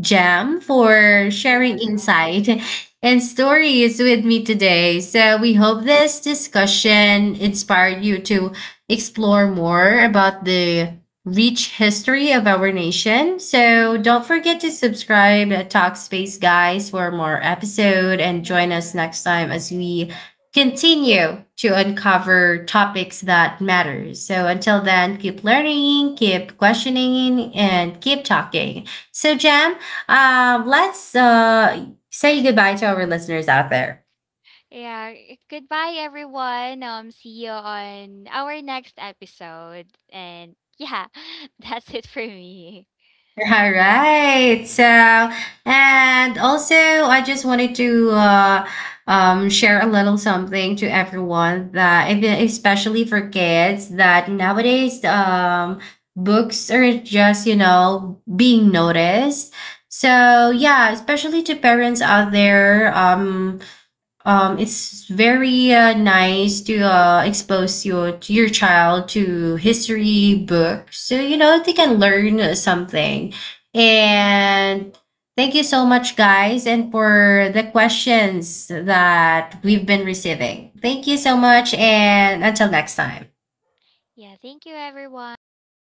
Speaker 1: Jam,
Speaker 2: mhm, yeah.
Speaker 1: for sharing insight and stories with me today. So, we hope this discussion inspired you to explore more about the rich history of our nation. So, don't
Speaker 2: Mhm,
Speaker 1: forget to subscribe to Talkspace, guys, for more episode, and join us
Speaker 2: yeah.
Speaker 1: next time as we continue to uncover topics that matter. So, until then, keep learning, keep questioning, and keep talking. So, Jam, let's say goodbye to our listeners out there.
Speaker 2: Yeah, goodbye everyone. See you on our next episode. And yeah, that's it for me.
Speaker 1: All right. So, and also, I just wanted to share a little something to everyone that, especially for kids, that nowadays books are just, you know, being noticed. So, yeah, especially to parents out there, it's very nice to expose your to your child to history books so you know they can learn something,
Speaker 2: Mhm.
Speaker 1: and thank you so much guys, and for the questions that we've been receiving, thank you so much, and until next time.
Speaker 2: Yeah, thank you everyone. Bye.